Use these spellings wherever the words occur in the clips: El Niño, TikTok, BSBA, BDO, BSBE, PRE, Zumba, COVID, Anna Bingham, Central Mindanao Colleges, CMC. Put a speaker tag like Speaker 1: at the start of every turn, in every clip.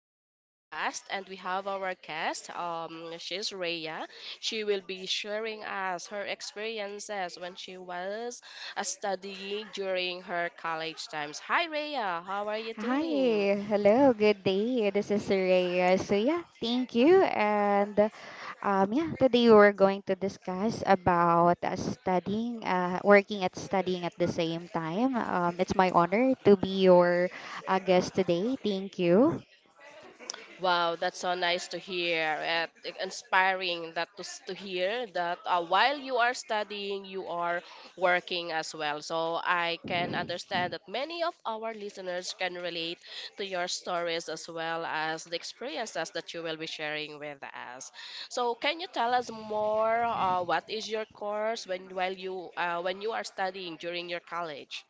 Speaker 1: our podcast, and we have our guest. She's Rhea. She will be sharing us her experiences when she was a studying during her college times. Hi, Rhea. How are you
Speaker 2: Hi,
Speaker 1: doing?
Speaker 2: hello, good day. This is Rhea. So yeah, thank you. And yeah, today we're going to discuss about studying, working at studying at the same time. It's my honor to be your guest today. Thank you.
Speaker 1: Wow, that's so nice to hear. And inspiring to hear that while you are studying, you are working as well. So I can understand that many of our listeners can relate to your stories as well as the experiences that you will be sharing with us. So can you tell us more? What is your course when you are studying during your college?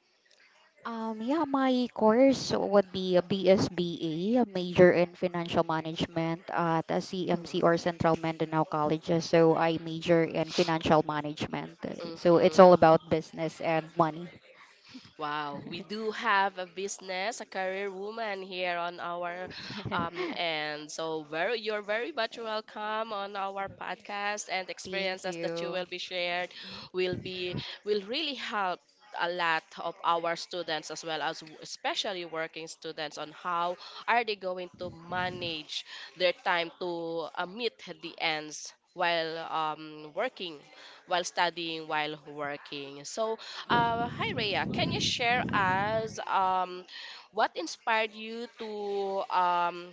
Speaker 2: Yeah, my course would be a BSBA, a major in financial management at a CMC or Central Mindanao Colleges. So I major in financial management. So it's all
Speaker 1: Mm-hmm.
Speaker 2: about business and money.
Speaker 1: Wow, we do have a business, a career woman here on our and so very you're very much welcome on our podcast and
Speaker 2: Thank
Speaker 1: experiences that you
Speaker 2: you.
Speaker 1: will be shared will be will really help a lot of our students as well as especially working students on how are they going to manage their time to meet the ends while working while studying while working. So hi Rhea, can you share us what inspired you to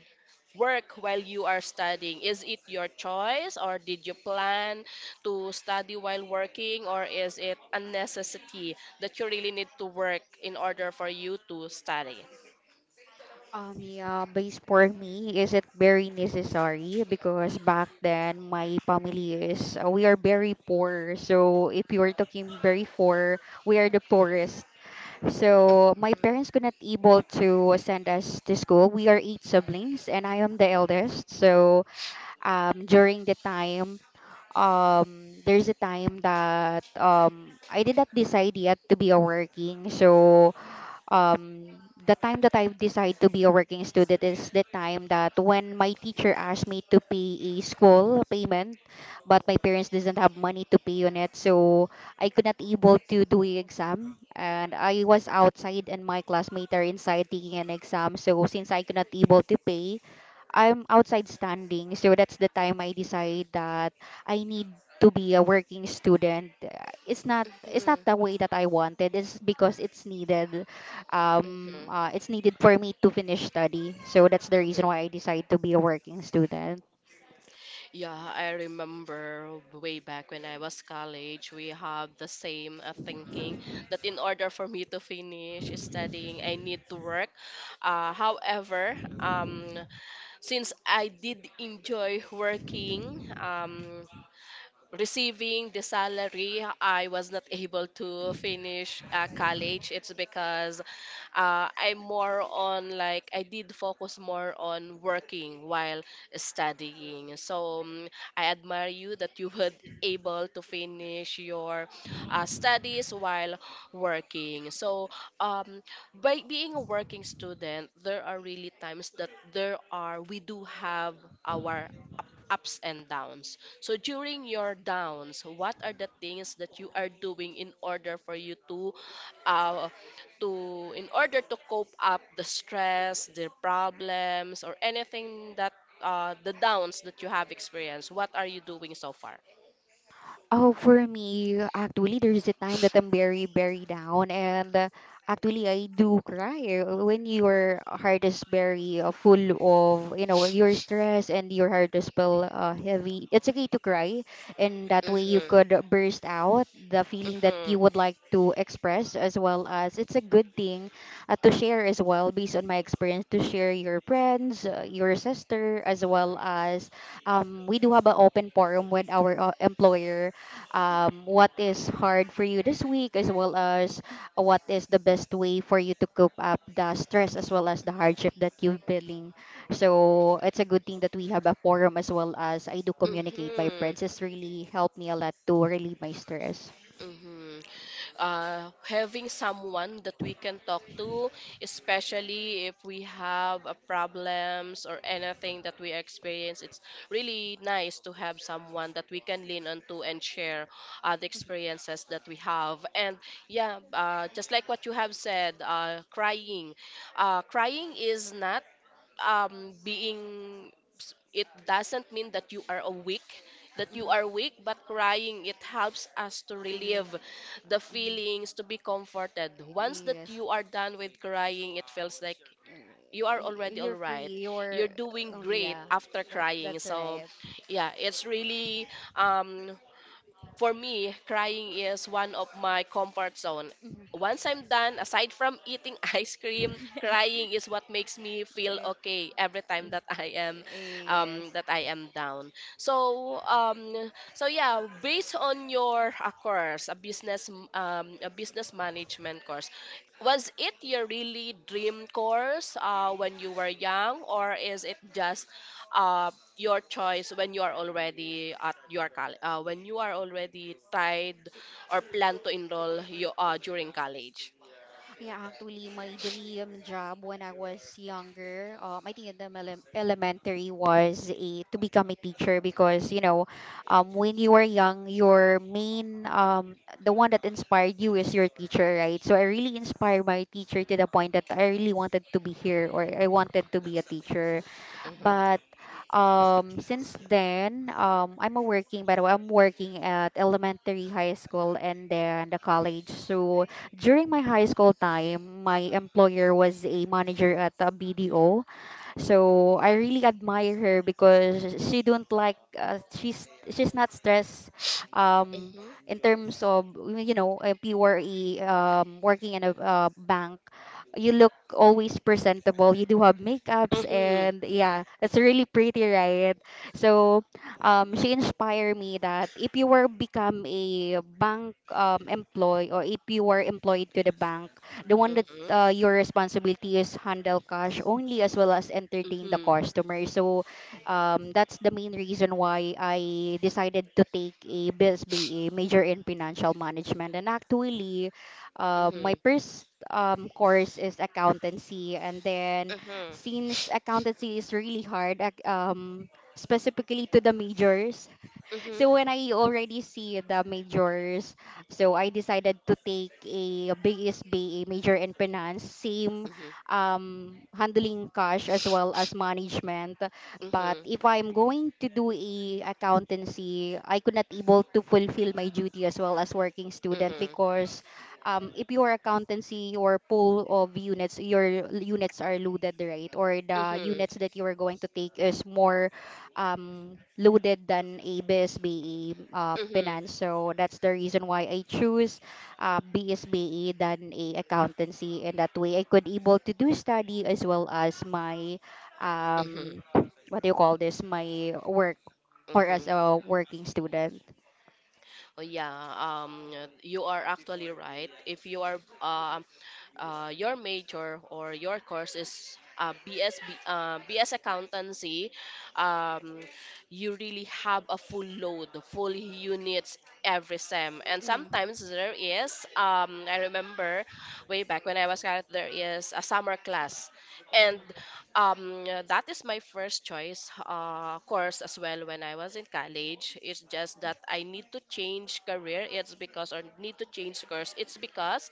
Speaker 1: work while you are studying? Is it your choice or did you plan to study while working, or is it a necessity that you really need to work in order for you to study?
Speaker 2: Yeah, base for me, is it very necessary? Because back then, my family is, we are very poor. So if you are talking very poor, we are the poorest. So my parents could not able to send us to school. We are eight siblings, and I am the eldest. During the time, there's a time that I did not decide yet to be a working. So um, the time that I decide to be a working student is the time that when my teacher asked me to pay a school payment, but my parents doesn't have money to pay on it, so I could not able to do a exam, and I was outside and my classmate are inside taking an exam. So since I could not able to pay, I'm outside standing. So that's the time I decide that I need to be a working student. It's not the way
Speaker 1: Mm-hmm.
Speaker 2: that I wanted. It's because
Speaker 1: Mm-hmm.
Speaker 2: it's needed for me to finish study. So that's the reason why I decided to be a working student.
Speaker 1: Yeah, I remember way back when I was college, we have the same thinking that in order for me to finish studying, I need to work. However, um, since I did enjoy working, receiving the salary, I was not able to finish college. It's because I'm more on like I did focus more on working while studying. So I admire you that you were able to finish your studies while working. So, um, by being a working student, there are really times that there are we do have our ups and downs. So during your downs, what are the things that you are doing in order for you to uh, in order to cope up the stress, the problems, or anything that the downs that you have experienced, what are you doing so far?
Speaker 2: Oh, for me, actually, there's a time that I'm very, very down, and actually, I do cry when your heart is very full of, you know, your stress and your heart is feel heavy. It's okay to cry, and that way you
Speaker 1: Mm-hmm.
Speaker 2: could burst out the feeling that you
Speaker 1: Mm-hmm.
Speaker 2: would like to express, as well as it's a good thing to share as well. Based on my experience, to share your friends, your sister, as well as we do have an open forum with our employer, what is hard for you this week, as well as what is the best way for you to cope up the stress as well as the hardship that you've feeling. So it's a good thing that we have a forum as well as I do communicate my
Speaker 1: Mm-hmm.
Speaker 2: friends. It's really helped me a lot to relieve my stress.
Speaker 1: Mm-hmm. Having someone that we can talk to, especially if we have a problems or anything that we experience, it's really nice to have someone that we can lean on to and share the experiences that we have. And yeah, just like what you have said, crying. Crying is not um, being it doesn't mean that you are
Speaker 2: Mm-hmm.
Speaker 1: weak, but crying, it helps us to
Speaker 2: To
Speaker 1: relieve the
Speaker 2: um,
Speaker 1: feelings, to be comforted. Once that
Speaker 2: yes,
Speaker 1: you are done with crying, it feels like you
Speaker 2: uh,
Speaker 1: are already all
Speaker 2: you're free.
Speaker 1: right, you're
Speaker 2: You're
Speaker 1: doing
Speaker 2: oh
Speaker 1: great
Speaker 2: yeah,
Speaker 1: after
Speaker 2: that
Speaker 1: crying.
Speaker 2: that's
Speaker 1: So
Speaker 2: right.
Speaker 1: yeah, it's really um for me, crying is one of my comfort zone.
Speaker 2: Mhm.
Speaker 1: Once I'm done, aside from eating ice cream, crying is what makes me feel
Speaker 2: Eh,
Speaker 1: okay every time
Speaker 2: mm,
Speaker 1: that
Speaker 2: Yes.
Speaker 1: I am down. So so yeah, based on your course, a business management course, was it your really dream course when you were young, or is it just uh, your choice when you are already at your college, when you are already tied or plan to enroll you, during college.
Speaker 2: Yeah, actually, my dream job when I was younger, I think in the elementary was a, to become a teacher because, you know, when you are young, your main, the one that inspired you is your teacher, right? So I really inspired my teacher to the point that I really wanted to be here or I wanted to be a teacher.
Speaker 1: Mhm.
Speaker 2: But since then, I'm a working, by the way, I'm working at elementary, high school, and then the college. So during my high school time, my employer was a manager at a BDO. So I really admire her because she don't like she's not stressed um
Speaker 1: Mhm.
Speaker 2: in terms of you know a PRE working in a bank. You look always presentable, you do have makeups
Speaker 1: Mhm.
Speaker 2: and yeah, it's really pretty, right? So she inspired me that if you were become a bank employee or if you were employed to the bank, the one
Speaker 1: Mhm.
Speaker 2: your responsibility is handle cash only as well as
Speaker 1: Mhm.
Speaker 2: entertain the
Speaker 1: Mhm.
Speaker 2: customer. So that's the main reason why I decided to take a BSBA major in financial management. And actually, my
Speaker 1: Mhm.
Speaker 2: first course is accountancy, and then
Speaker 1: Mhm.
Speaker 2: since accountancy is really hard, specifically to the majors.
Speaker 1: Mhm.
Speaker 2: So
Speaker 1: Mhm.
Speaker 2: when I already see the majors, so I decided to take a BSBA major in finance, same handling cash as well as management. But if I'm going to do a accountancy, I could not able to fulfill my duty as well as working student because if your accountancy, your pool of units, your units are loaded, right? Or
Speaker 1: Mhm.
Speaker 2: the
Speaker 1: Mhm.
Speaker 2: units that you are going to take is more loaded than ABSBE, BSBE
Speaker 1: Mhm.
Speaker 2: Pinan. So that's the reason why I choose BSBE than a accountancy. And that way I could able to do study as well as my,
Speaker 1: Mhm.
Speaker 2: um, what do you call this, my work or as
Speaker 1: Mhm.
Speaker 2: a working student.
Speaker 1: Oh yeah, you are actually right. If you are your major or your course is BS accountancy, um, you really have a full load, full units every sem. And
Speaker 2: Mm,
Speaker 1: sometimes there is, I remember way back when I was grad, there is a summer class, and
Speaker 2: mhm,
Speaker 1: that is my first choice course as well when I was in college. It's just that I need to change career. It's because, or need to change course. It's because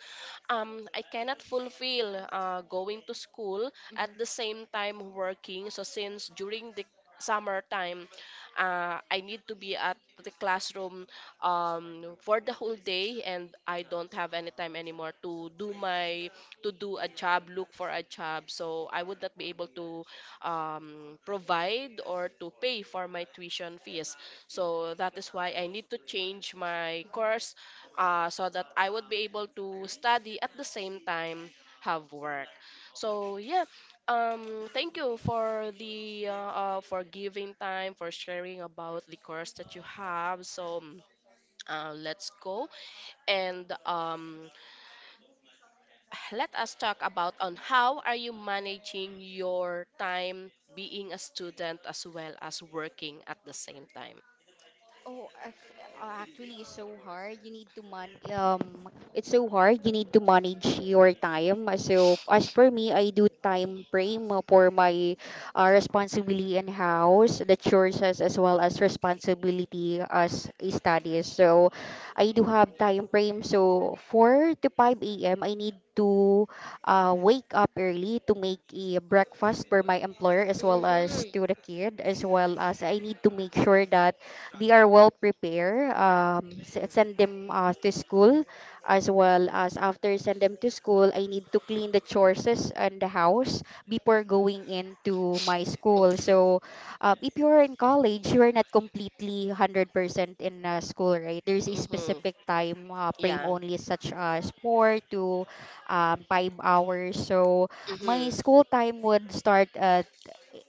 Speaker 1: I cannot fulfill going to school at
Speaker 2: mhm.
Speaker 1: the same time working. So since during the summer time, I need to be at the classroom for the whole day, and I don't have any time anymore to do my to do a job, look for a job. So I would not be able to provide or to pay for my tuition fees. So that is why I need to change my course, so that I would be able to study at the same time have work. So yeah, thank you for the for giving time for sharing about the course that you have. Let's go and let us talk about on how are you managing your time being a student as well as working at the same time.
Speaker 2: Oh, actually, it's so hard. You need to man. It's so hard. You need to manage your time. So, as for me, I do time frame for my responsibility in house, the chores as well as responsibility as a studies. So, I do have time frame. So, four to five a.m. I need to wake up early to make a breakfast for my employer as well as
Speaker 1: Mhm.
Speaker 2: to the kid as well as I need to make sure that they are well prepared. Send
Speaker 1: Mhm.
Speaker 2: them to school, as well as after send them to school, I need to clean the chores and the house before going into my school.
Speaker 1: Mhm.
Speaker 2: So if you're in college, you're not completely 100% in school, right? There's a
Speaker 1: Mhm.
Speaker 2: specific time frame
Speaker 1: Yeah.
Speaker 2: only, such as four to 5 hours. So my
Speaker 1: Mhm.
Speaker 2: school time would start at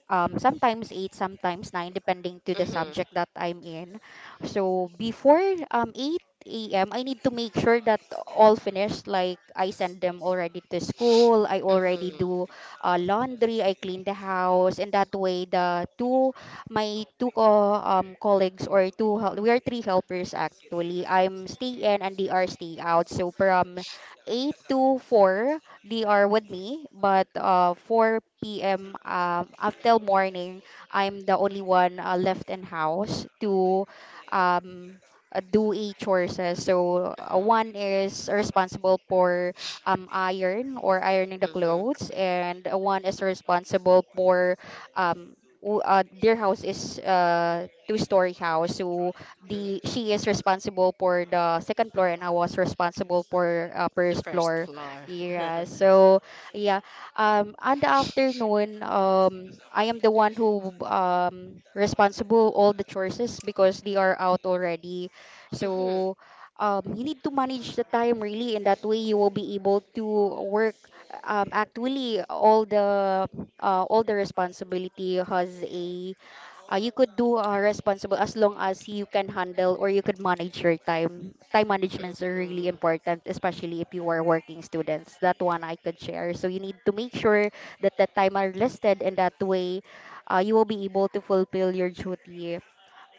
Speaker 2: sometimes eight, sometimes nine, depending to the
Speaker 1: Mhm.
Speaker 2: subject that I'm in. So before 8 a.m., I need to make sure that all finished. Like I send them already to school. I already
Speaker 1: Mhm.
Speaker 2: do laundry. I clean the house, and that way the two my two colleagues or we are three helpers actually. I'm stay in and they are stay out. So from 8 to 4 they are with me, but 4 p.m. Until morning, I'm the only one left in house to um, do a chores. So
Speaker 1: Mhm.
Speaker 2: one is responsible for iron or ironing the
Speaker 1: Mhm.
Speaker 2: clothes, and one is responsible for um, their house is two-story house, so
Speaker 1: Mhm.
Speaker 2: the she is responsible for the second floor and I was responsible for
Speaker 1: The
Speaker 2: first
Speaker 1: first
Speaker 2: floor.
Speaker 1: floor.
Speaker 2: Yeah. So yeah. On the afternoon, I am the one who responsible all the choices because they are out already.
Speaker 1: Mhm.
Speaker 2: So you need to manage the time really, and that way you will be able to work. Actually All the all the responsibility has a you could do responsible as long as you can handle or you could manage your time. Time managements are really
Speaker 1: Mhm.
Speaker 2: important, especially if you are working students. That one I could share. So you need to make sure that the time are listed, and that way, you will be able to fulfill your duty.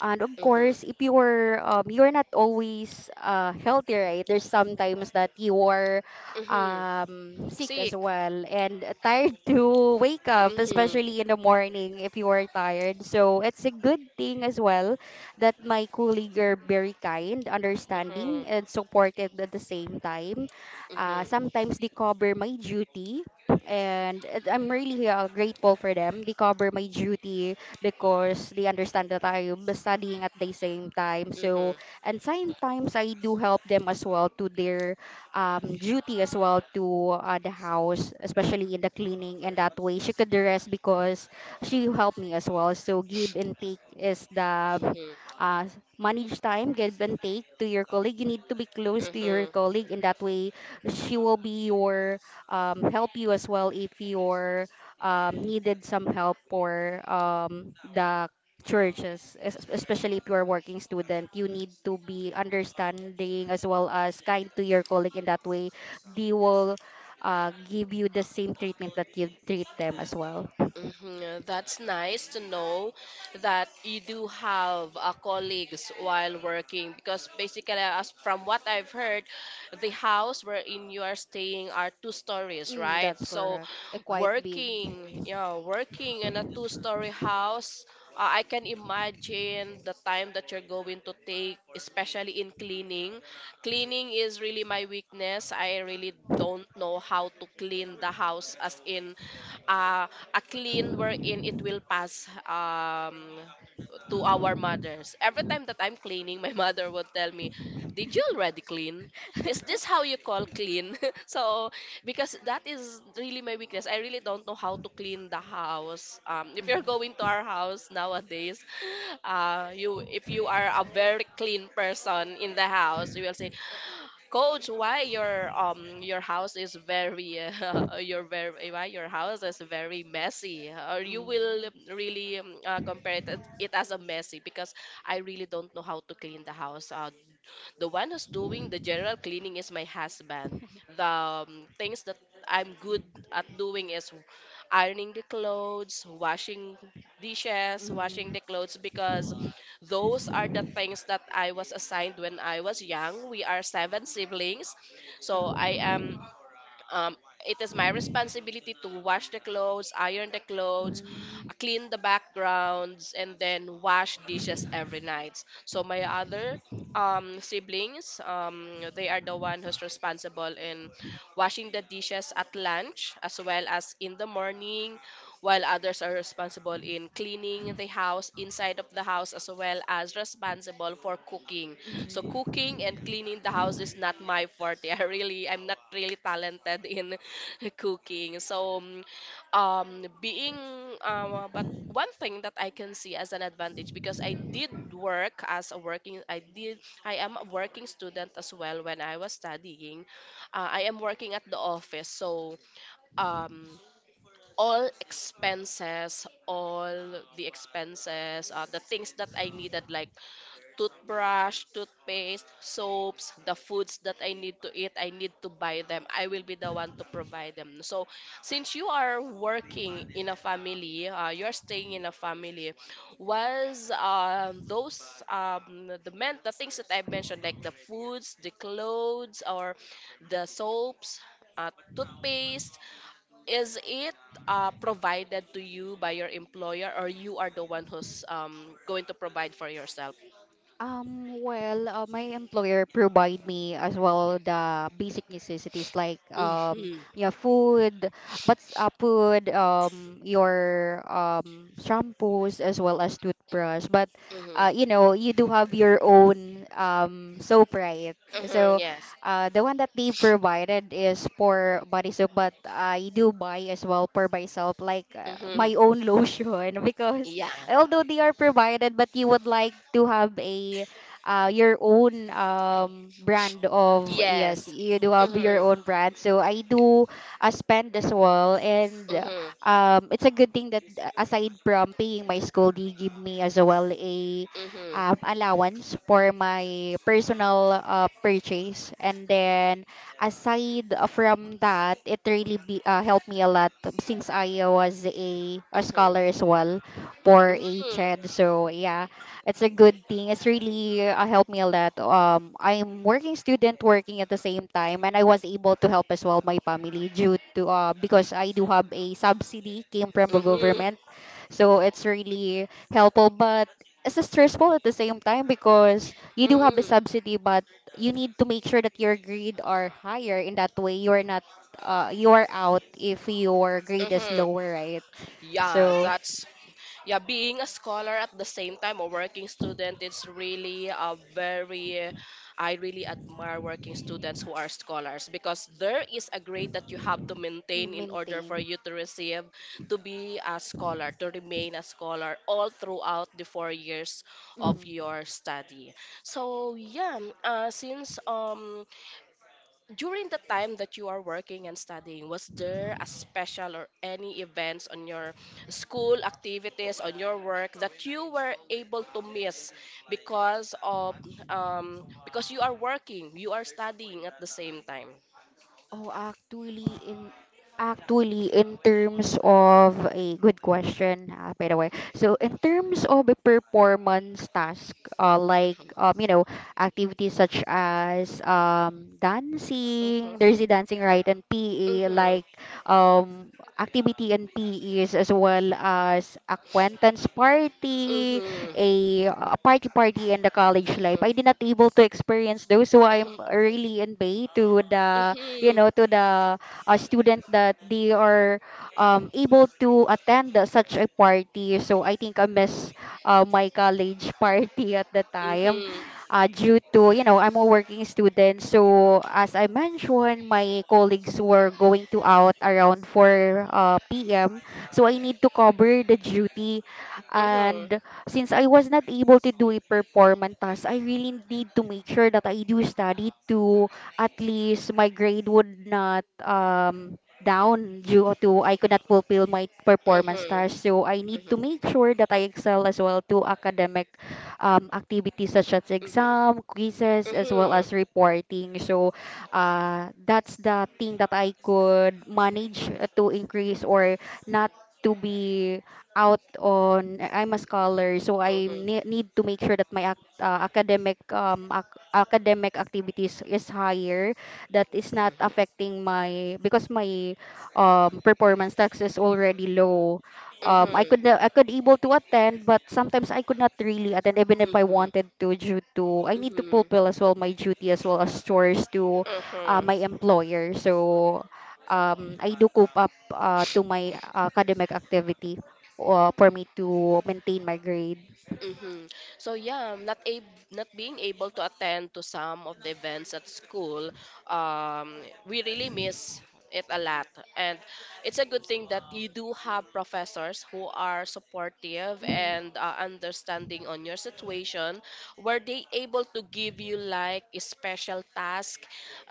Speaker 2: And of
Speaker 1: Mhm.
Speaker 2: course, if you're you're not always healthy, right? There's sometimes that you are
Speaker 1: Mhm.
Speaker 2: sick as
Speaker 1: Sick.
Speaker 2: well and tired to wake up,
Speaker 1: Mhm.
Speaker 2: especially in the morning if you are tired. So it's a good thing as well that my colleague are very kind,
Speaker 1: Mhm.
Speaker 2: understanding, and supportive at the same time.
Speaker 1: Mhm.
Speaker 2: Sometimes they cover my duty, and I'm really grateful for them. They cover my duty because they understand that I'm studying at the same time. So,
Speaker 1: Mhm.
Speaker 2: and sometimes I do help them as well to their duty as well to the house, especially in the cleaning. And that way, she could rest because she helped me as well. So, give and take is the
Speaker 1: Mhm.
Speaker 2: uh, manage time, give and take to your colleague. You need to be close to your
Speaker 1: Mhm.
Speaker 2: colleague, and that way, she will be your help you as well if your needed some help for the churches, especially if you are working student. You need to be understanding as well as kind to your colleague. In that way, they will give you the same treatment that you treat them as well.
Speaker 1: Mhm, that's nice to know that you do have colleagues while working, because basically, as from what I've heard, the house wherein you are staying are two stories,
Speaker 2: Mm,
Speaker 1: right?
Speaker 2: that's
Speaker 1: So,
Speaker 2: correct. A quite big.
Speaker 1: working, yeah, working in a two-story house, I can imagine the time that you're going to take, especially in cleaning. Cleaning is really my weakness. I really don't know how to clean the house, as in uh, a clean wherein it will pass to our mothers. Every time that I'm cleaning, my mother would tell me, "Did you already clean? Is this how you call clean?" So because that is really my weakness. I really don't know how to clean the house. If you're
Speaker 2: Mm,
Speaker 1: going to our house nowadays, you if you are a very clean person in the house, you will say, "Coach, why your house is very your very why your house is very messy?" Or you will
Speaker 2: mm,
Speaker 1: really compare it as a messy, because I really don't know how to clean the house. The one who's doing the general cleaning is my husband. The things that I'm good at doing is ironing the clothes, washing dishes, washing
Speaker 2: mm,
Speaker 1: the clothes, because those are the things that I was assigned when I was young. We are seven siblings, so
Speaker 2: mm,
Speaker 1: I
Speaker 2: mm,
Speaker 1: am. Um, it is my responsibility to wash the clothes, iron the clothes,
Speaker 2: mm,
Speaker 1: clean the backgrounds, and then wash dishes every night. So my other siblings, they are the one who's responsible in washing the dishes at lunch as well as in the morning, while others are responsible in cleaning the house, inside of the house, as well as responsible for cooking. So
Speaker 2: mm.
Speaker 1: cooking and cleaning the house is not my forte. I really, I'm not really talented in cooking. So mm, being but one thing that I can see as an advantage, because I did work as a working I did I am a working student as well when I was studying, I am working at the office. So um all the expenses, the things that I needed, like toothbrush, toothpaste, soaps, the foods that I need to eat, I need to buy them. I will be the one to provide them. So, since you are working in a family, you're staying in a family, was those the things that I mentioned, like the foods, the clothes, or the soaps, uh, toothpaste, is it provided to you by your employer, or you are the one who's going to provide for yourself?
Speaker 2: Well, my employer provide me as well the basic necessities like
Speaker 1: Mhm.
Speaker 2: yeah, food, but food, your shampoos as well as toothbrush. But
Speaker 1: Mhm.
Speaker 2: you know you do have your own soap, right?
Speaker 1: Mhm.
Speaker 2: So
Speaker 1: Yes.
Speaker 2: the one that they provided is for body soap, but I do buy as well for myself, like
Speaker 1: Mhm.
Speaker 2: my own lotion because
Speaker 1: Yeah.
Speaker 2: although they are provided, but you would like to have a your own brand of yes,
Speaker 1: Yes.
Speaker 2: you do have your
Speaker 1: Mhm.
Speaker 2: own brand. So I do spend as well. And
Speaker 1: Mhm.
Speaker 2: it's a good thing that aside from paying my school, they give me as well a
Speaker 1: Mhm.
Speaker 2: allowance for my personal purchase. And then aside from that, it really be, helped me a lot since I was a
Speaker 1: Mhm.
Speaker 2: scholar as well for a
Speaker 1: Mhm.
Speaker 2: child. So yeah, it's a good thing. It's really helped me a lot. I'm working student working at the same time, and I was able to help as well my family due to because I do have a subsidy came from the
Speaker 1: Mhm.
Speaker 2: government, so it's really helpful. But it's stressful at the same time because you do have a
Speaker 1: Mhm.
Speaker 2: subsidy, but you need to make sure that your grade are higher. In that way, you are not you are out if your grade is
Speaker 1: Mhm.
Speaker 2: lower, right?
Speaker 1: Yeah,
Speaker 2: So
Speaker 1: that's yeah, being a scholar at the same time a working student, it's really a very I really admire working students who are scholars, because there is a grade that you have to
Speaker 2: mm,
Speaker 1: maintain in order
Speaker 2: maintain.
Speaker 1: for you to receive, to be a scholar, to remain a scholar all throughout the four years of
Speaker 2: Hmm.
Speaker 1: your study. So yeah, since during the time that you are working and studying, was there a special or any events on your school activities, on your work that you were able to miss because of because you are working, you are studying at the same time?
Speaker 2: Oh, actually, in terms of a good question, by the way. So, in terms of a performance task, like
Speaker 1: Mhm.
Speaker 2: activities such as
Speaker 1: Mhm.
Speaker 2: dancing. There's the dancing, right, and PE,
Speaker 1: Mhm.
Speaker 2: like um, activity and PEs as well as acquaintance party, a party in the college life.
Speaker 1: Mhm.
Speaker 2: I did not able to experience those, so I'm really in bay to the you
Speaker 1: Mhm.
Speaker 2: know to the student that they are able to attend such a party. So I think I miss my college party at the time
Speaker 1: Mhm.
Speaker 2: due to I'm a working student, so as I mentioned my colleagues were going to out around 4 p.m. So I need to cover the duty.
Speaker 1: Mhm.
Speaker 2: And since I was not able to do a performance task, I really need to make sure that I do study to at least my grade would not down due to I could not fulfill my performance
Speaker 1: Mhm.
Speaker 2: tasks. So I
Speaker 1: Mhm.
Speaker 2: need to
Speaker 1: Mhm.
Speaker 2: make sure that I excel as well to academic activities such as
Speaker 1: Mhm.
Speaker 2: exam, quizzes, as well
Speaker 1: Mhm.
Speaker 2: as reporting. So that's the thing that I could manage to increase or not to be out on I'm a scholar, so I
Speaker 1: Mhm.
Speaker 2: need to make sure that my academic academic activities is higher, that is not affecting my because my performance tax is already low.
Speaker 1: Mhm.
Speaker 2: I could able to attend, but sometimes I could not really attend even if
Speaker 1: Mhm.
Speaker 2: I
Speaker 1: Mhm.
Speaker 2: wanted to due to I need to
Speaker 1: Mhm.
Speaker 2: fulfill as well my duty as well as chores to
Speaker 1: Mm-hmm.
Speaker 2: my employer. So I do cope up to my academic activity for me to maintain my grade.
Speaker 1: Mm-hmm. So yeah, I'm not being able to attend to some of the events at school, um, we really miss it a lot, and it's a good thing that you do have professors who are supportive
Speaker 2: Mhm.
Speaker 1: and understanding on your situation. Were they able to give you like a special task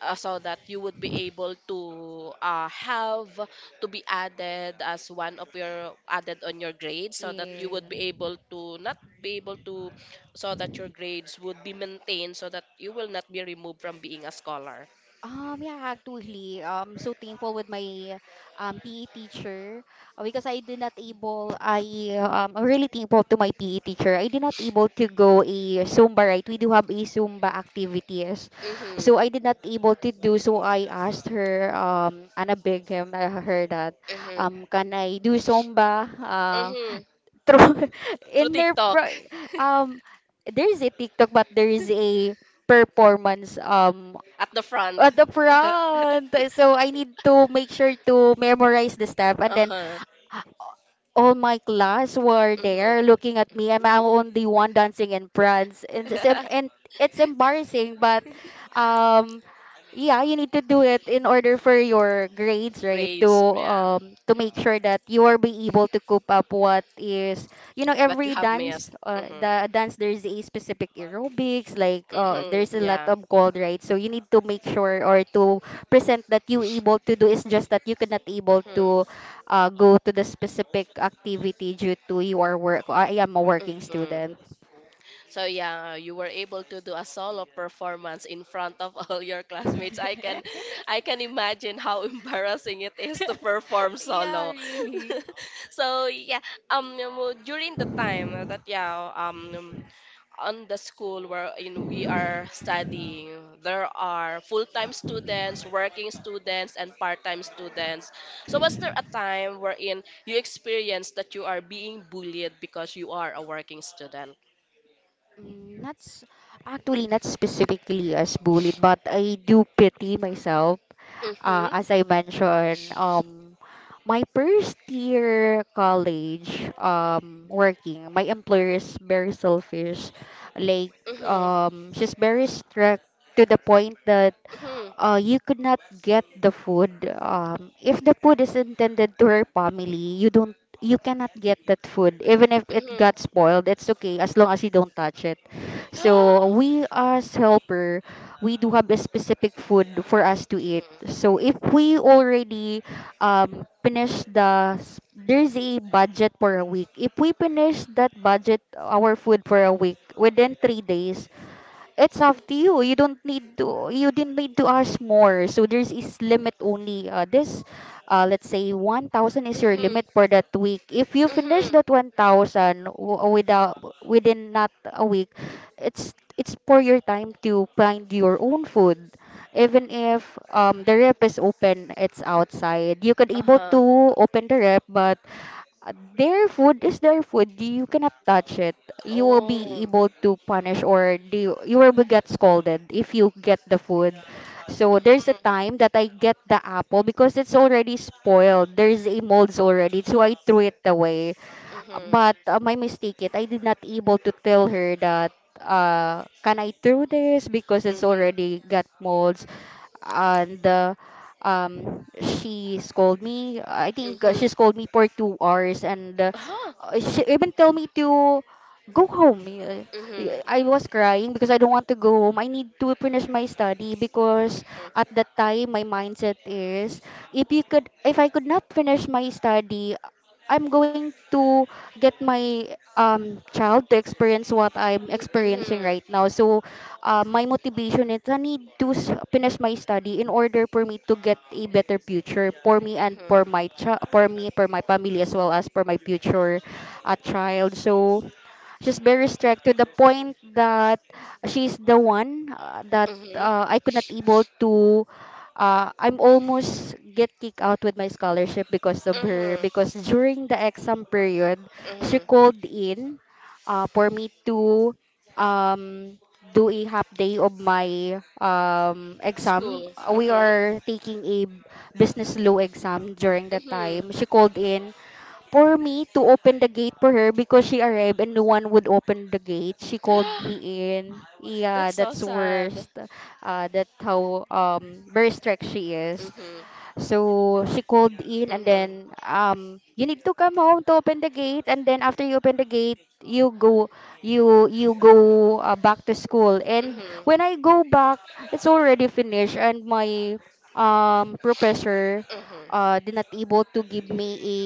Speaker 1: so that you would be able to have to be added as one of your added on your grades so that you would
Speaker 2: Yeah.
Speaker 1: be able to not be able to so that your grades would be maintained so that you will not be removed from being a scholar?
Speaker 2: Yeah, actually, so thankful with my PE teacher because I did not able, I'm really thankful to my PE teacher. I did not able to go a Zumba, right? We do have a Zumba activities.
Speaker 1: Mhm.
Speaker 2: So I did not able to do, so I asked her, Anna Bingham, her that,
Speaker 1: Mhm.
Speaker 2: can I do Zumba?
Speaker 1: Mhm.
Speaker 2: Through,
Speaker 1: Through
Speaker 2: in their,
Speaker 1: TikTok.
Speaker 2: um, there is a TikTok, but there is a performance
Speaker 1: At the front.
Speaker 2: at the front. So I need to make sure to memorize the step, and then
Speaker 1: Uh-huh.
Speaker 2: all my class were
Speaker 1: Mhm.
Speaker 2: there looking at me. I'm only one dancing in France. And it's embarrassing, but um, yeah, you need to do it in order for your grades, right? To
Speaker 1: Grades, yeah.
Speaker 2: make sure that you are be able to cope up what is
Speaker 1: But you
Speaker 2: every
Speaker 1: have
Speaker 2: dance,
Speaker 1: missed. Mhm.
Speaker 2: the dance there's a specific aerobics, like there's
Speaker 1: Mhm.
Speaker 2: a lot
Speaker 1: Yeah.
Speaker 2: of cold, right. So you need to make sure or to present that you able to do. It's just that you cannot able
Speaker 1: Mhm.
Speaker 2: to go to the specific activity due to your work. I am a working
Speaker 1: Mhm.
Speaker 2: student.
Speaker 1: So yeah, you were able to do a solo performance in front of all your classmates. I can imagine how embarrassing it is to perform
Speaker 2: Yeah,
Speaker 1: solo.
Speaker 2: really.
Speaker 1: So yeah, during the time that yeah, on the school wherein we are studying, there are full-time students, working students, and part-time students. So was there a time wherein you experienced that you are being bullied because you are a working student?
Speaker 2: Mm, Not s- actually not specifically as bullied, but I do pity myself. Uh,
Speaker 1: Mm-hmm.
Speaker 2: as I mentioned, my first year college, working, my employer is very selfish. Like,
Speaker 1: Mm-hmm.
Speaker 2: she's very strict to the point that
Speaker 1: Mm-hmm.
Speaker 2: you could not get the food. If the food is intended to her family, you cannot get that food. Even if it
Speaker 1: Mm-hmm.
Speaker 2: got spoiled, it's okay as long as you don't touch it. So we as helper, we do have a specific food for us to eat. So if we already finish there's a budget for a week. If we finish that budget, our food for a week within 3 days, it's up to you. You don't need to. You didn't need to ask more. So there's is limit only. Let's say 1,000 is
Speaker 1: Mm-hmm.
Speaker 2: your
Speaker 1: Mm-hmm.
Speaker 2: limit for that week. If you finish
Speaker 1: Mm-hmm.
Speaker 2: that 1,000 without within not a week, it's for your time to find your own food. Even if the rep is open, it's outside. You could able
Speaker 1: Uh-huh.
Speaker 2: to open the rep, but their food is their food. You cannot touch it. You will be
Speaker 1: Oh.
Speaker 2: able to punish or do, you will be get scolded if you get the food. So there's a
Speaker 1: Mm-hmm.
Speaker 2: time that I get the apple because it's already spoiled. There's a molds already, so I threw it away. Uh,
Speaker 1: Mm-hmm.
Speaker 2: But uh, my mistake it, I did not able to tell her that can I throw this because it's
Speaker 1: Mm-hmm.
Speaker 2: already got molds, and she scolded me. I think
Speaker 1: Mm-hmm.
Speaker 2: she scolded me for 2 hours, and
Speaker 1: Uh-huh.
Speaker 2: she even told me to go home. I
Speaker 1: Mm-hmm.
Speaker 2: was crying because I don't want to go home. I need to finish my study because at that time my mindset is, if I could not finish my study, I'm going to get my child to experience what I'm experiencing
Speaker 1: Mm-hmm.
Speaker 2: right now. So my motivation is I need to finish my study in order for me to get a better future for me and
Speaker 1: Mm-hmm.
Speaker 2: for for me for my family as well as for my future child. So she's very strict to the point that she's the one that
Speaker 1: Mhm.
Speaker 2: I could not able to I'm almost get kicked out with my scholarship because of her,
Speaker 1: Mhm.
Speaker 2: because during the exam period she
Speaker 1: Mhm.
Speaker 2: called in for me to um, do a half day of my exam.
Speaker 1: School.
Speaker 2: We
Speaker 1: Mhm.
Speaker 2: are taking a business law exam during that
Speaker 1: Mhm.
Speaker 2: time. She called in for me to open the gate for her because she arrived and no one would open the gate. She called me in. Yeah,
Speaker 1: That's so
Speaker 2: that's
Speaker 1: sad.
Speaker 2: worst. That's how very strict she is.
Speaker 1: Mhm.
Speaker 2: So she called in, and
Speaker 1: Mhm.
Speaker 2: then you need to come home to open the gate, and then after you open the gate you go back to school, and
Speaker 1: Mhm.
Speaker 2: when I go back it's already finished. And my professor
Speaker 1: Mhm.
Speaker 2: did not able to give me a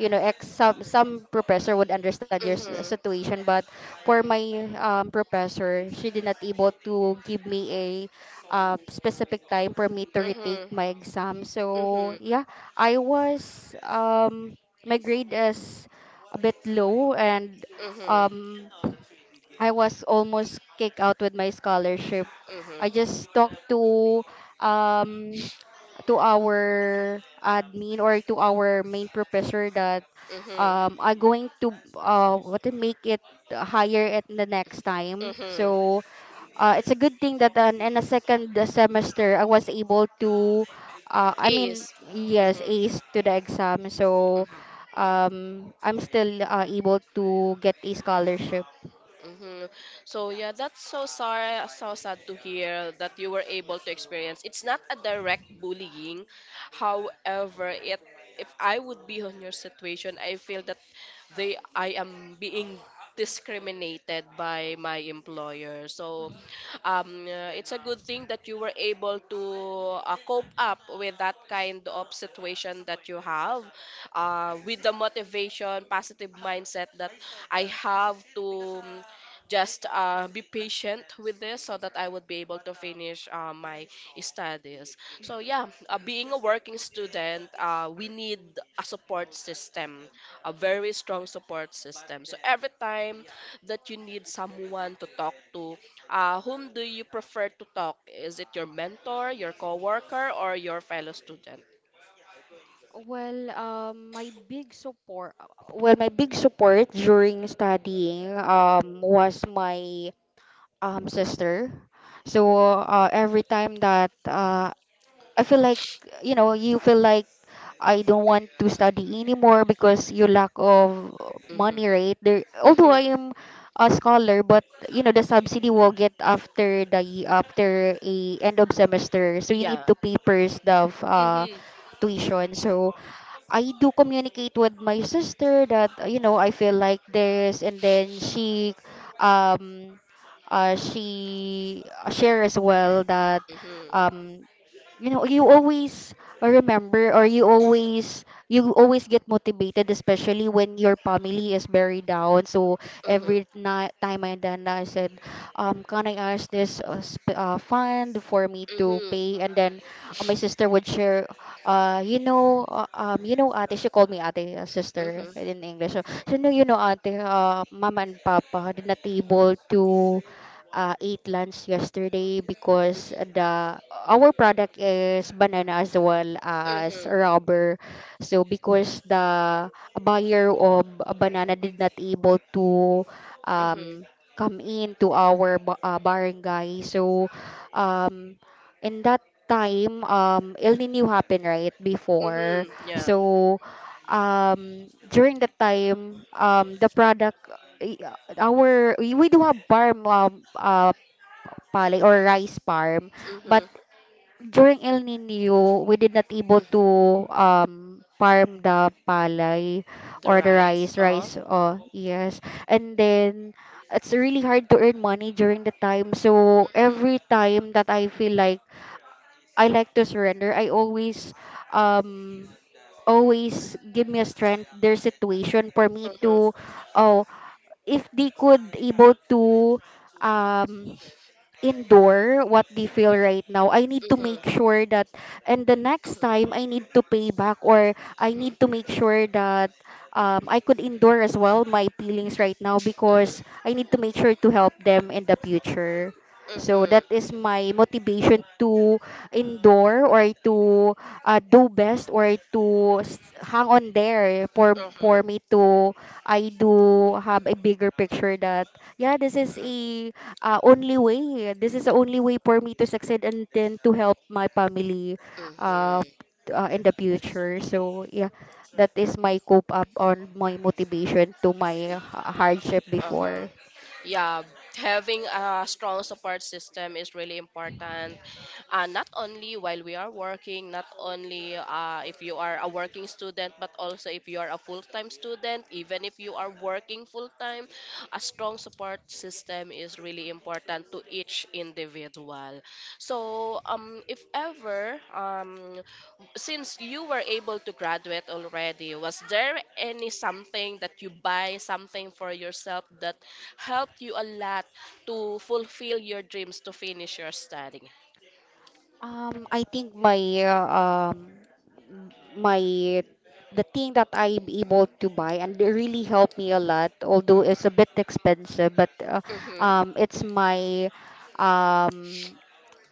Speaker 2: ex some professor would understand your
Speaker 1: Mhm.
Speaker 2: situation, but for my professor she did not able to give me specific time for me to retake
Speaker 1: Mhm.
Speaker 2: my exam. So
Speaker 1: Mhm.
Speaker 2: yeah, I was my grade is a bit low, and
Speaker 1: Mhm.
Speaker 2: um, I was almost kicked out with my scholarship.
Speaker 1: Mhm.
Speaker 2: I just talked to um, our admin or to our main professor that
Speaker 1: Mhm.
Speaker 2: I'm going to what to make it higher at the next time.
Speaker 1: Mhm.
Speaker 2: So it's a good thing that in a second semester I was able to, I mean,
Speaker 1: Ace.
Speaker 2: yes,
Speaker 1: Mhm.
Speaker 2: ace to the exam. So I'm still able to get a scholarship.
Speaker 1: Mm-hmm. So yeah, that's so sorry, so sad to hear that you were able to experience. It's not a direct bullying, however, it if I would be on your situation, I feel that they I am being discriminated by my employer. So
Speaker 2: Mhm.
Speaker 1: it's a good thing that you were able to cope up with that kind of situation that you have with the motivation, positive mindset that I have to just be patient with this so that I would be able to finish my studies. So yeah, being a working student, we need a support system, a very strong support system. So every time that you need someone to talk to, whom do you prefer to talk? Is it your mentor, your coworker, or your fellow student?
Speaker 2: Well, my big support during studying was my sister. So every time that I feel like, you know, you feel like I don't want to study anymore because you lack of
Speaker 1: Mm-hmm.
Speaker 2: money, right? There, although
Speaker 1: Mm-hmm.
Speaker 2: I am a scholar, but the subsidy will get after after a end of semester, so you need
Speaker 1: Yeah.
Speaker 2: to pay first the
Speaker 1: Mm-hmm.
Speaker 2: tuition. So I do communicate with my sister that I feel like this, and then um, she share as well that
Speaker 1: Mm-hmm.
Speaker 2: um you always remember, or you always get motivated especially when your family is very down. So every
Speaker 1: Mm-hmm.
Speaker 2: night time, and then I said, can I ask this fund for me to
Speaker 1: Mm-hmm.
Speaker 2: pay. And then my sister would share, ate, she called me ate, sister
Speaker 1: Mm-hmm.
Speaker 2: in English. So, so no, ate, mama and papa did not able to ate lunch yesterday because the our product is banana as well as
Speaker 1: Mm-hmm.
Speaker 2: rubber. So because the buyer of banana did not able to
Speaker 1: Mm-hmm.
Speaker 2: um, come in to our barangay. So um, in that time El Nino happened right before.
Speaker 1: Mhm. Yeah.
Speaker 2: So during the time the product we do have farm pale or rice farm, but
Speaker 1: Mhm.
Speaker 2: during El Nino we did not able to
Speaker 1: Mhm.
Speaker 2: farm the palay
Speaker 1: The
Speaker 2: or the
Speaker 1: rice.
Speaker 2: rice
Speaker 1: Uh huh.
Speaker 2: rice Oh yes, and then it's really hard to earn money during the time. So every time that I feel like I like to surrender, I always um always give me a strength, their situation for me
Speaker 1: Mhm. Mhm.
Speaker 2: to, oh, if they could able to um endure what they feel right now. I need to
Speaker 1: Mhm.
Speaker 2: make sure that, and the next time
Speaker 1: Mhm.
Speaker 2: I need to pay back, or I need to make sure that I could endure as well my feelings right now,
Speaker 1: Mhm.
Speaker 2: because I need to make sure to help them in the future. So
Speaker 1: Mhm.
Speaker 2: that is my motivation to endure, or to do best, or to hang on there
Speaker 1: Mhm.
Speaker 2: for me to, I do have a bigger picture that, yeah, this is
Speaker 1: Mhm.
Speaker 2: a only way. This is the only way for me to succeed and then to help my family, uh,
Speaker 1: Mhm.
Speaker 2: in the future. So, yeah, that is my cope up on my motivation to my
Speaker 1: Mhm.
Speaker 2: hardship
Speaker 1: Uh huh.
Speaker 2: before.
Speaker 1: Yeah, having a strong support system is really important, not only while we are working, not only if you are a working student, but also if you are a full-time student, even if you are working full-time. A strong support system is really important to each individual. So if ever since you were able to graduate already, was there any something that you buy, something for yourself that helped you a lot to fulfill your dreams to finish your study?
Speaker 2: I think my uh, um, my the thing that I'm able to buy and they really helped me a lot, although it's a bit expensive, but
Speaker 1: Mm-hmm.
Speaker 2: um, it's my um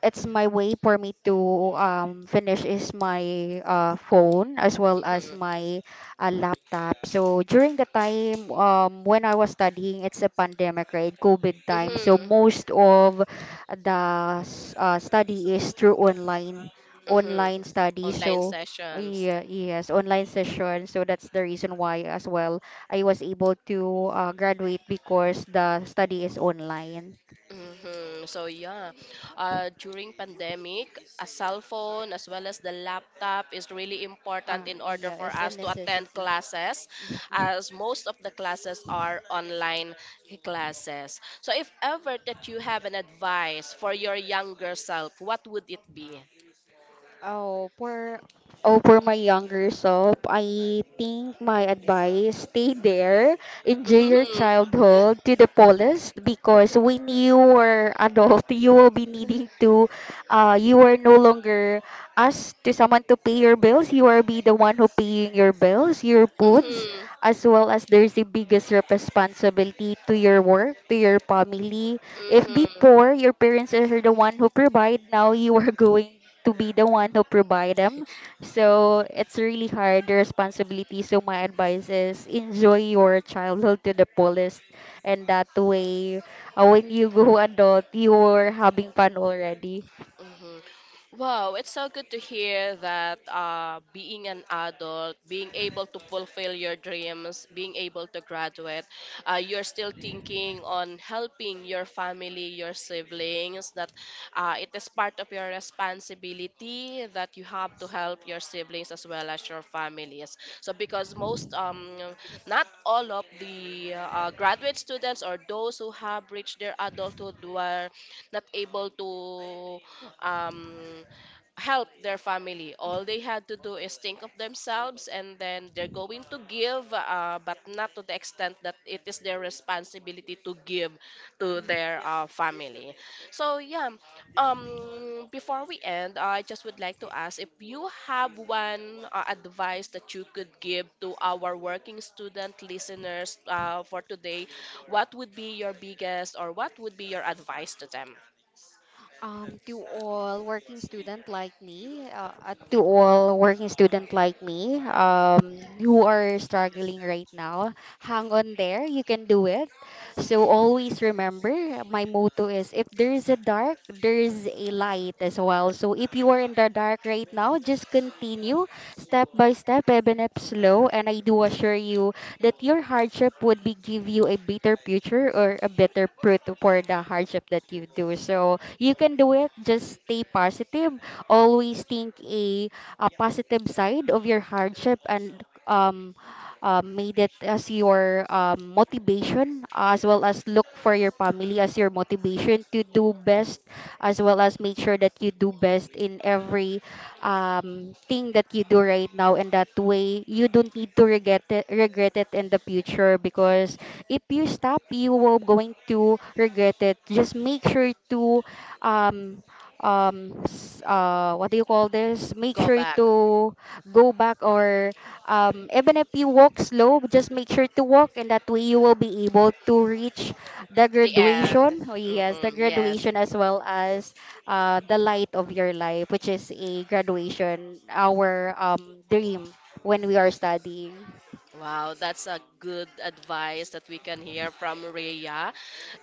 Speaker 2: it's my way for me to finish is my phone as well as
Speaker 1: Mm-hmm.
Speaker 2: my laptop. So during the time when I was studying, it's a pandemic, right? COVID time. So
Speaker 1: Mm-hmm.
Speaker 2: most of the study is through online,
Speaker 1: Mm-hmm.
Speaker 2: online study.
Speaker 1: Online
Speaker 2: So
Speaker 1: sessions.
Speaker 2: yeah, yes, online session. So that's the reason why as well I was able to graduate, because the study is online.
Speaker 1: Hmm. So yeah, during pandemic, a cell phone as well as the laptop is really important in order
Speaker 2: Yeah,
Speaker 1: for
Speaker 2: it's a
Speaker 1: us to attend
Speaker 2: necessity.
Speaker 1: classes,
Speaker 2: Mhm.
Speaker 1: as most of the classes are online classes. So if ever that you have an advice for your younger self, what would it be?
Speaker 2: Oh, for oh, for my younger self, I think my advice, stay there, enjoy your
Speaker 1: Mm-hmm.
Speaker 2: childhood to the fullest, because when you are adult, you will be needing to, you are no longer asked to someone to pay your bills. You are be the one who paying your bills, your foods,
Speaker 1: Mm-hmm.
Speaker 2: as well as there's the biggest responsibility to your work, to your family. If
Speaker 1: Mm-hmm.
Speaker 2: before your parents are the one who provide, now you are going to be the one who provide them. So it's really hard, the responsibility. So my advice is enjoy your childhood to the fullest. And that way, when you go adult, you are having fun already.
Speaker 1: Hmm. Wow, it's so good to hear that being an adult, being able to fulfill your dreams, being able to graduate, you're still thinking on helping your family, your siblings, that it is part of your responsibility that you have to help your siblings as well as your families. So, because most, not all of the graduate students or those who have reached their adulthood were not able to um, help their family.
Speaker 2: Mhm.
Speaker 1: All they had to do is think of themselves, and then they're going to give, but not to the extent that it is their responsibility to give to their family. So, yeah, before we end, I just would like to ask if you have one advice that you could give to our working student listeners for today, what would be your biggest, or what would be your advice to them?
Speaker 2: To all working student like me, to all working student like me, who are struggling right now, hang on there. You can do it. So always remember, my motto is: if there is a dark, there is a light as well. So if you are in the dark right now, just continue step by step, even if slow. And I do assure you that your hardship would be give you a better future or a better fruit for the hardship that you do. So you can do it. Just stay positive. Always think a positive side of your hardship, and made it as your motivation, as well as look for your family as your motivation to do best, as well as make sure that you do best in every thing that you do right now. And that way you don't need to regret it in the future, because if you stop you will going to regret it. Just make sure to um what do you call this, make
Speaker 1: Go
Speaker 2: sure
Speaker 1: back.
Speaker 2: to go back, or even if you walk slow, just make sure to walk, and that way you will be able to reach the
Speaker 1: The end.
Speaker 2: graduation, oh yes, the
Speaker 1: Hmm, yes.
Speaker 2: graduation, as well as the light of your life, which is a graduation, our dream when we are studying.
Speaker 1: Wow, that's a good advice that we can hear from Rhea.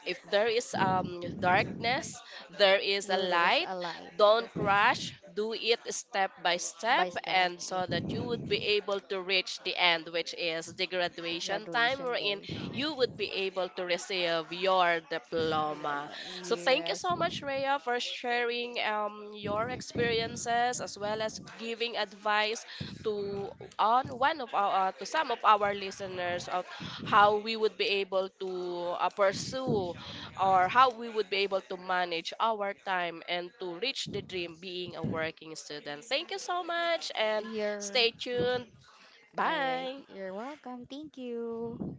Speaker 1: If there is darkness, there is a
Speaker 2: Well, there is
Speaker 1: light.
Speaker 2: a light
Speaker 1: Don't
Speaker 2: that-
Speaker 1: rush. Do it step by step,
Speaker 2: by step,
Speaker 1: and
Speaker 2: yeah,
Speaker 1: so that you would be able to reach the end, which is the
Speaker 2: the
Speaker 1: graduation time
Speaker 2: graduation
Speaker 1: wherein
Speaker 2: day.
Speaker 1: you would be able to receive your
Speaker 2: Yeah,
Speaker 1: diploma.
Speaker 2: my
Speaker 1: So thank you
Speaker 2: Years.
Speaker 1: so much, Rhea, for sharing your experiences as well as giving advice to on one of our to some of our listeners of how we would be able to pursue or how we would be able to manage our time and to reach the dream being a working student. Thank you so much, and
Speaker 2: You're
Speaker 1: stay
Speaker 2: all
Speaker 1: tuned.
Speaker 2: right.
Speaker 1: Bye.
Speaker 2: You're welcome. Thank you.